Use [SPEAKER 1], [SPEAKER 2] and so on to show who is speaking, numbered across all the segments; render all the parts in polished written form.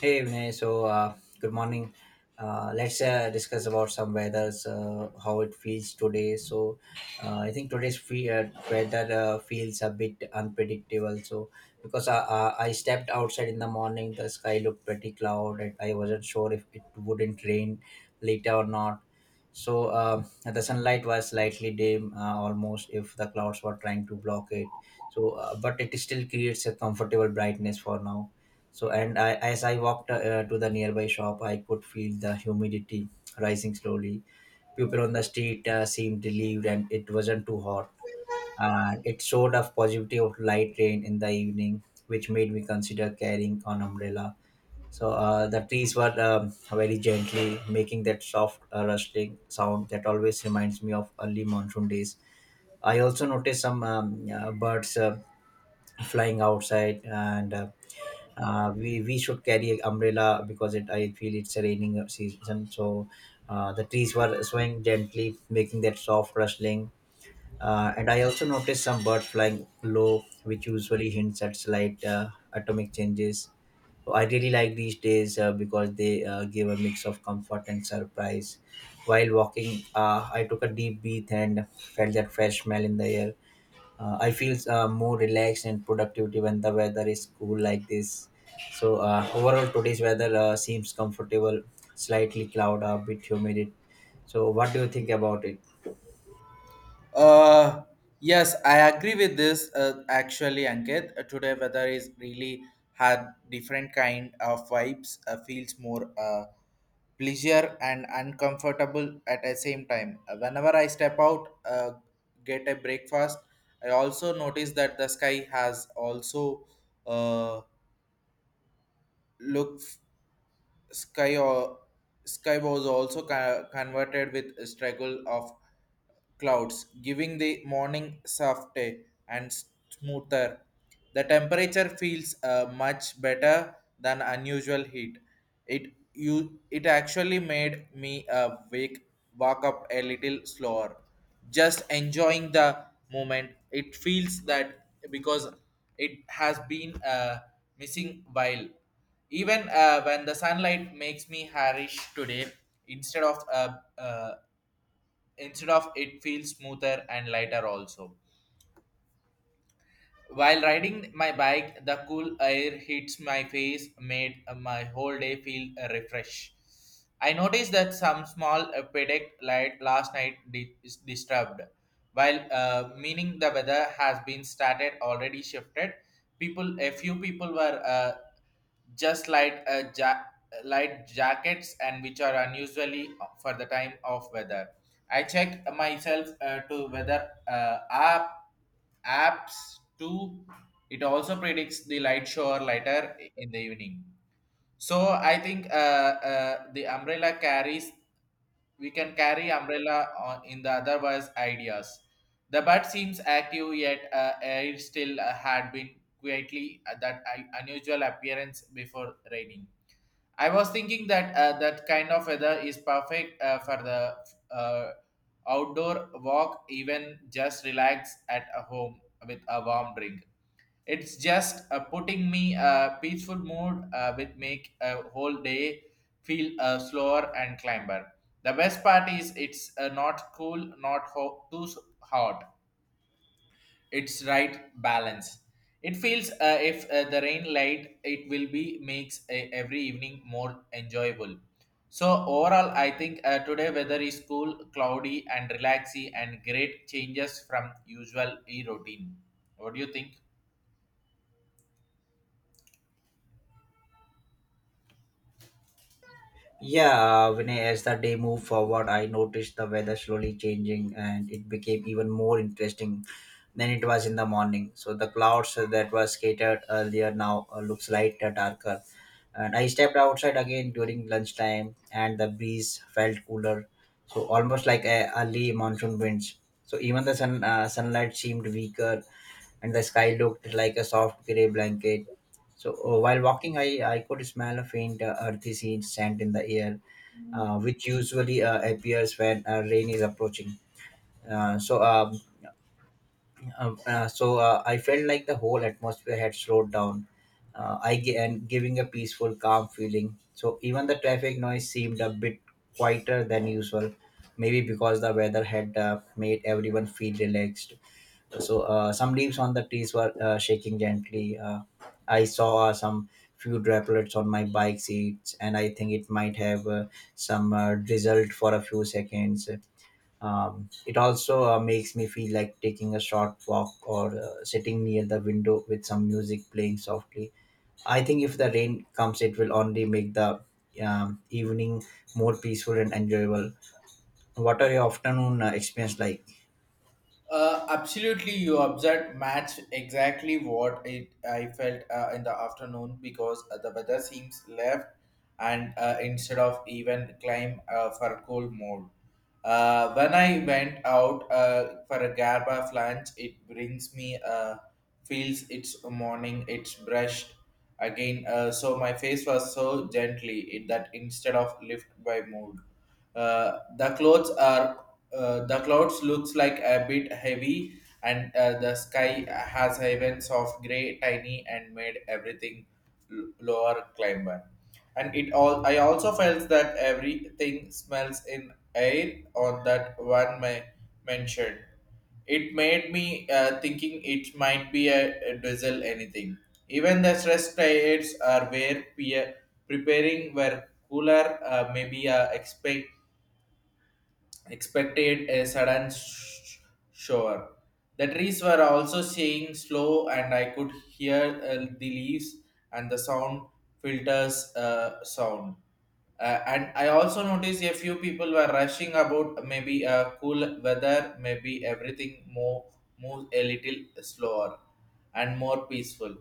[SPEAKER 1] Hey Vinay, good morning. Let's discuss about some weathers, how it feels today. I think today's weather feels a bit unpredictable. So because I stepped outside in the morning, the sky looked pretty cloud, and I wasn't sure if it wouldn't rain later or not. The sunlight was slightly dim, almost if the clouds were trying to block it. But it still creates a comfortable brightness for now so, and I, as I walked to the nearby shop, I could feel the humidity rising slowly. People on the street seemed relieved, and it wasn't too hot. And it showed a positivity of light rain in the evening, which made me consider carrying an umbrella. The trees were very gently making that soft rustling sound that always reminds me of early monsoon days. I also noticed some birds flying outside and. We should carry an umbrella because it I feel it's a raining season. The trees were swaying gently, making that soft rustling. And I also noticed some birds flying low, which usually hints at slight atomic changes. So I really like these days because they give a mix of comfort and surprise. While walking, I took a deep breath and felt that fresh smell in the air. I feel more relaxed and productive when the weather is cool like this. Overall, today's weather seems comfortable, slightly cloud, a bit humid. So what do you think about it?
[SPEAKER 2] Uh, yes, I agree with this. Actually, Ankit, today weather is really had different kind of vibes. Feels more pleasure and uncomfortable at the same time. Whenever I step out, get a breakfast, I also notice that the sky has also uh, look sky or sky was also converted with struggle of clouds, giving the morning softer and smoother. The temperature feels much better than unusual heat. It actually made me wake walk up a little slower, just enjoying the moment. It feels that because it has been missing while. Even when the sunlight makes me harish today, instead of uh, uh, instead of it feels smoother and lighter also while riding my bike, the cool air hits my face, made my whole day feel refreshed. I noticed that some small predict light last night is disturbed, while meaning the weather has been started already shifted. People, a few people were just light light jackets, and which are unusually for the time of weather. I check myself to weather apps too. It also predicts the light shower later in the evening. So I think the umbrella carries, we can carry umbrella on in the otherwise ideas. The bird seems active, yet it still had been quietly that unusual appearance before raining. I was thinking that that kind of weather is perfect for the uh, outdoor walk, even just relax at a home with a warm drink. It's just putting me a peaceful mood with make a whole day feel slower and climber. The best part is it's not cool, not hot. It's right balance. It feels if the rain light, it will be makes a, every evening more enjoyable. So overall, I think today weather is cool, cloudy, and relaxy, and great changes from usual e routine. What do you think?
[SPEAKER 1] Yeah, Vinay, as the day moved forward, I noticed the weather slowly changing and it became even more interesting than it was in the morning. So the clouds that were scattered earlier now looks lighter, darker. And I stepped outside again during lunchtime and the breeze felt cooler. So almost like a early monsoon winds. So even the sun, sunlight seemed weaker and the sky looked like a soft gray blanket so while walking, I could smell a faint earthy scent in the air, which usually appears when rain is approaching. Uh, so um, I felt like the whole atmosphere had slowed down, and giving a peaceful, calm feeling. So even the traffic noise seemed a bit quieter than usual, maybe because the weather had made everyone feel relaxed. Some leaves on the trees were shaking gently. I saw some few droplets on my bike seats, and I think it might have some drizzled for a few seconds. It also makes me feel like taking a short walk or sitting near the window with some music playing softly. I think if the rain comes, it will only make the evening more peaceful and enjoyable. What are your afternoon experience like?
[SPEAKER 2] Absolutely, you observed match exactly what it I felt in the afternoon, because the weather seems left, and instead of even climb for cold mode. When I went out for a gap of lunch, it brings me feels it's a morning, it's brushed again. So my face was so gently it, that instead of lift by mood, the clothes are the clouds looks like a bit heavy, and the sky has heavens of gray, tiny, and made everything lower climber, and it all I also felt that everything smells in air on that one mentioned. It made me thinking it might be a diesel anything. Even the stress diets are where we are preparing were cooler, maybe expected a sudden shower. The trees were also staying slow, and I could hear the leaves and the sound filters sound. And I also noticed a few people were rushing about, maybe cool weather, maybe everything more moves a little slower and more peaceful.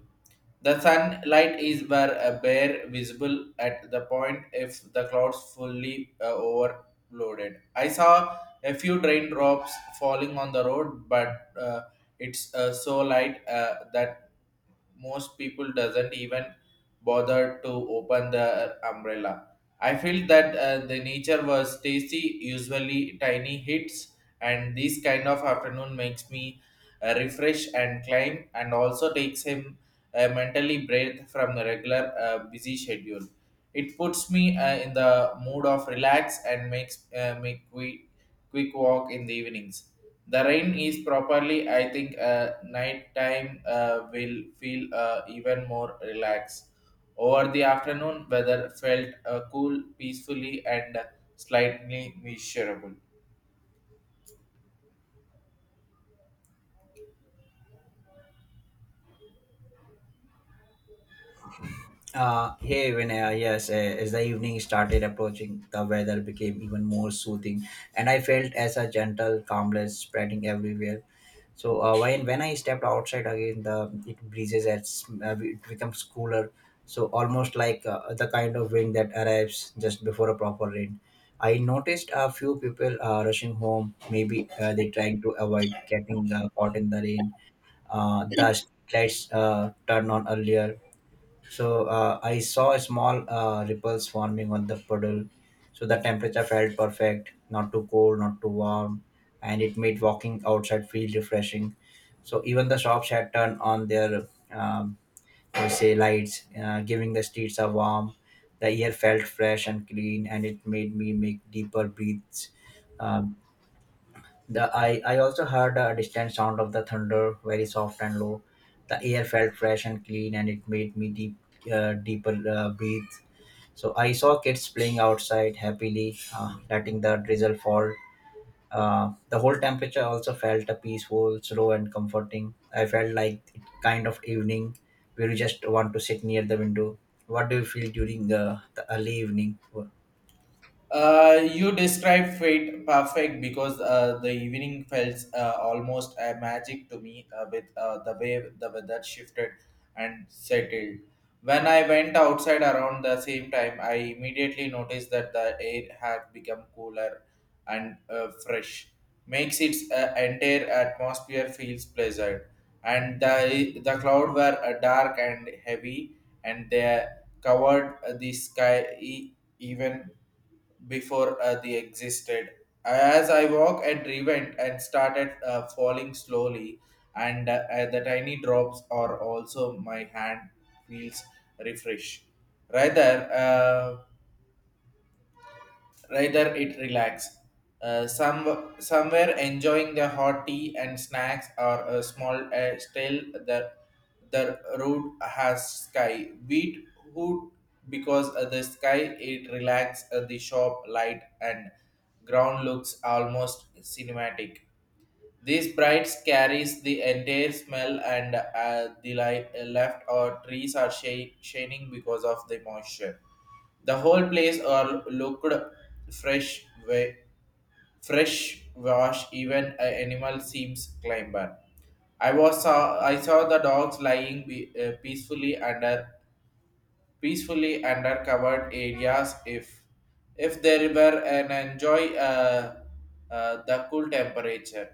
[SPEAKER 2] The sunlight is where a bare visible at the point if the clouds fully overloaded. I saw a few raindrops falling on the road, but it's so light that most people doesn't even bother to open the umbrella. I feel that the nature was tasty, usually tiny hits, and this kind of afternoon makes me refresh and climb, and also takes him mentally break from the regular busy schedule. It puts me in the mood of relax, and makes make we quick walk in the evenings. The rain is properly, I think, night time will feel even more relaxed. Over the afternoon, weather felt cool, peacefully, and slightly miserable.
[SPEAKER 1] Hey, Vinaya, yes, as the evening started approaching, the weather became even more soothing, and I felt as a gentle calmness spreading everywhere. So, when I stepped outside again, the it breezes at sm- it becomes cooler, so almost like the kind of wind that arrives just before a proper rain. I noticed a few people rushing home, maybe they trying to avoid getting caught in the rain. The lights turn on earlier so I saw a small ripples forming on the puddle. So the temperature felt perfect, not too cold, not too warm, and it made walking outside feel refreshing. So even the shops had turned on their, um, we say, lights, giving the streets a warm. The air felt fresh and clean, and it made me make deeper breaths. uh, the I, also heard a distant sound of the thunder, very soft and low. The air felt fresh and clean, and it made me deeper breathe. So I saw kids playing outside happily, letting the drizzle fall. The whole temperature also felt a peaceful, slow, and comforting. I felt like it kind of evening where you just want to sit near the window. What do you feel during the early evening?
[SPEAKER 2] You described fate perfect, because the evening felt almost a magic to me with the way the weather shifted and settled. When I went outside around the same time, I immediately noticed that the air had become cooler and fresh, makes its entire atmosphere feels pleasant. And the cloud were dark and heavy, and they covered the sky even before they existed. As I walked and revent and started falling slowly, and the tiny drops are also my hand feels refresh. Rather, rather, it relax. Some somewhere enjoying the hot tea and snacks, or a small still the road has sky. Beat hood, because the sky it relax the shop light and ground looks almost cinematic. These brides carries the entire smell, and the light, left or trees are shade, shining because of the moisture. The whole place are looked fresh, fresh wash. Even an animal seems climber. I saw the dogs lying peacefully under covered areas. If there were an enjoy the cool temperature.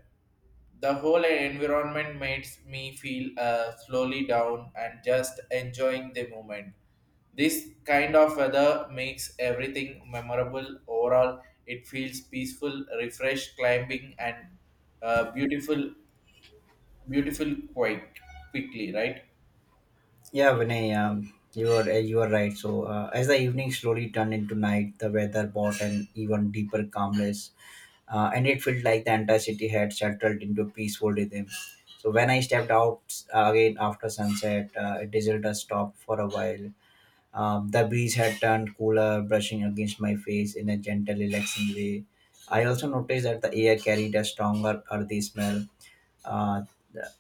[SPEAKER 2] The whole environment makes me feel slowly down and just enjoying the moment. This kind of weather makes everything memorable. Overall, it feels peaceful, refreshed, climbing, and uh, beautiful, beautiful quite quickly, right?
[SPEAKER 1] Yeah, Vinay, you are right. As the evening slowly turned into night, the weather brought an even deeper calmness, and it felt like the entire city had settled into peaceful rhythm. So when I stepped out again after sunset, it deserted stopped for a while. The breeze had turned cooler, brushing against my face in a gentle, relaxing way. I also noticed that the air carried a stronger earthy smell, uh,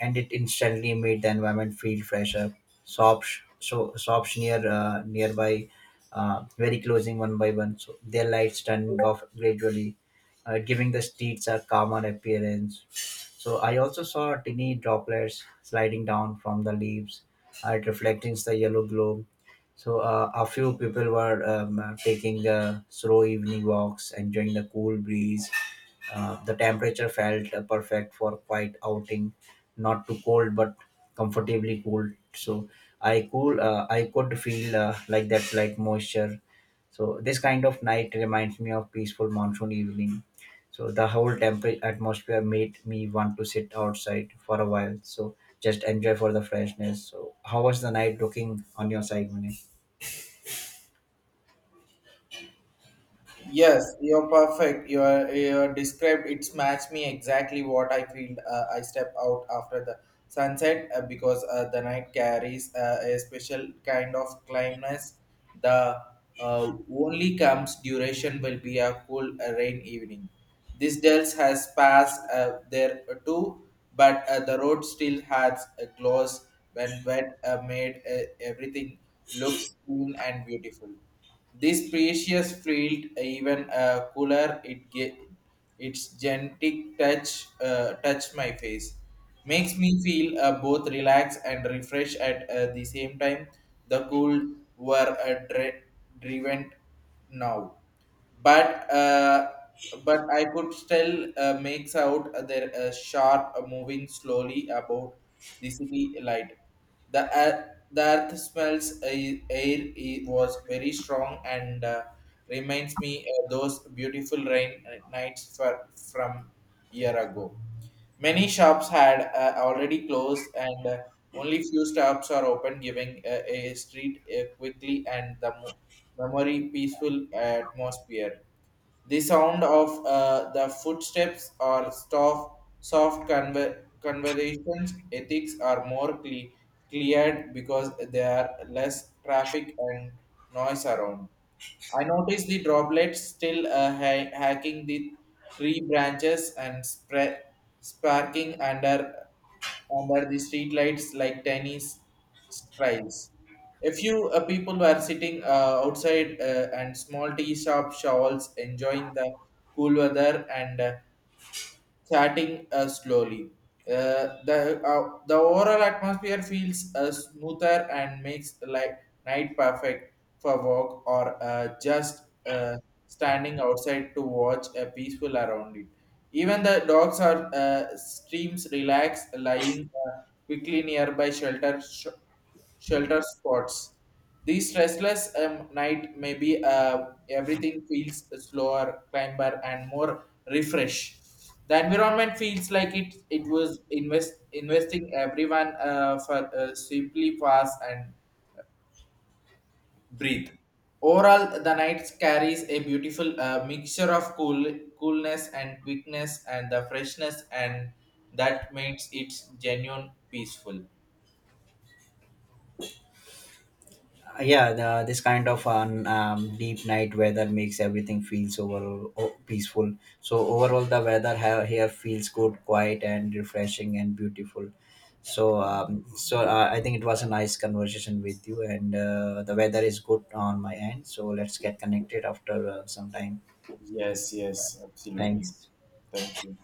[SPEAKER 1] and it instantly made the environment feel fresher. So shops near nearby, very closing one by one. So their lights turned off gradually, giving the streets a calmer appearance. So I also saw tiny droplets sliding down from the leaves, reflecting the yellow glow. A few people were taking slow evening walks, enjoying the cool breeze. The temperature felt perfect for quiet outing, not too cold but comfortably cool. So I could feel like that light moisture. So this kind of night reminds me of peaceful monsoon evening. So the whole temperate atmosphere made me want to sit outside for a while. So just enjoy for the freshness. So how was the night looking on your side, Munir?
[SPEAKER 2] Yes, you're perfect. You're described. It's matched me exactly what I feel. I step out after the sunset, because the night carries a special kind of calmness. The only comes duration will be a cool rain evening. This dells has passed there too, but the road still has a gloss when wet, made everything looks clean and beautiful. This precious field even cooler it its gentle touch my face. Makes me feel both relaxed and refreshed at the same time. The cool were driven now, but but I could still makes out their sharp moving slowly about the city light. The earth, the earth smells air was very strong, and reminds me those beautiful rain nights for, from year ago. Many shops had already closed, and only few shops are open, giving a street quickly and the memory peaceful atmosphere. The sound of the footsteps or soft conversations ethics are more cleared because there are less traffic and noise around. I noticed the droplets still hacking the tree branches and spread sparking under were the street lights like tiny strives. A few people were sitting outside, and small tea shop shawls enjoying the cool weather and chatting slowly. The overall atmosphere feels smoother and makes like night perfect for walk or just standing outside to watch a peaceful around it. Even the dogs are streams relax, lying quickly nearby shelter spots. These restless night may be everything feels slower, climber, and more refresh. The environment feels like it was investing everyone for simply pass and breathe. Overall, the night carries a beautiful mixture of coolness and quickness and the freshness, and that makes it genuine peaceful.
[SPEAKER 1] Yeah, this kind of an deep night weather makes everything feels overall peaceful. So overall the weather here feels good quiet and refreshing and beautiful. I think it was a nice conversation with you and the weather is good on my end, so let's get connected after some time.
[SPEAKER 2] Yes, yes, absolutely.
[SPEAKER 1] Thanks.
[SPEAKER 2] Thank you.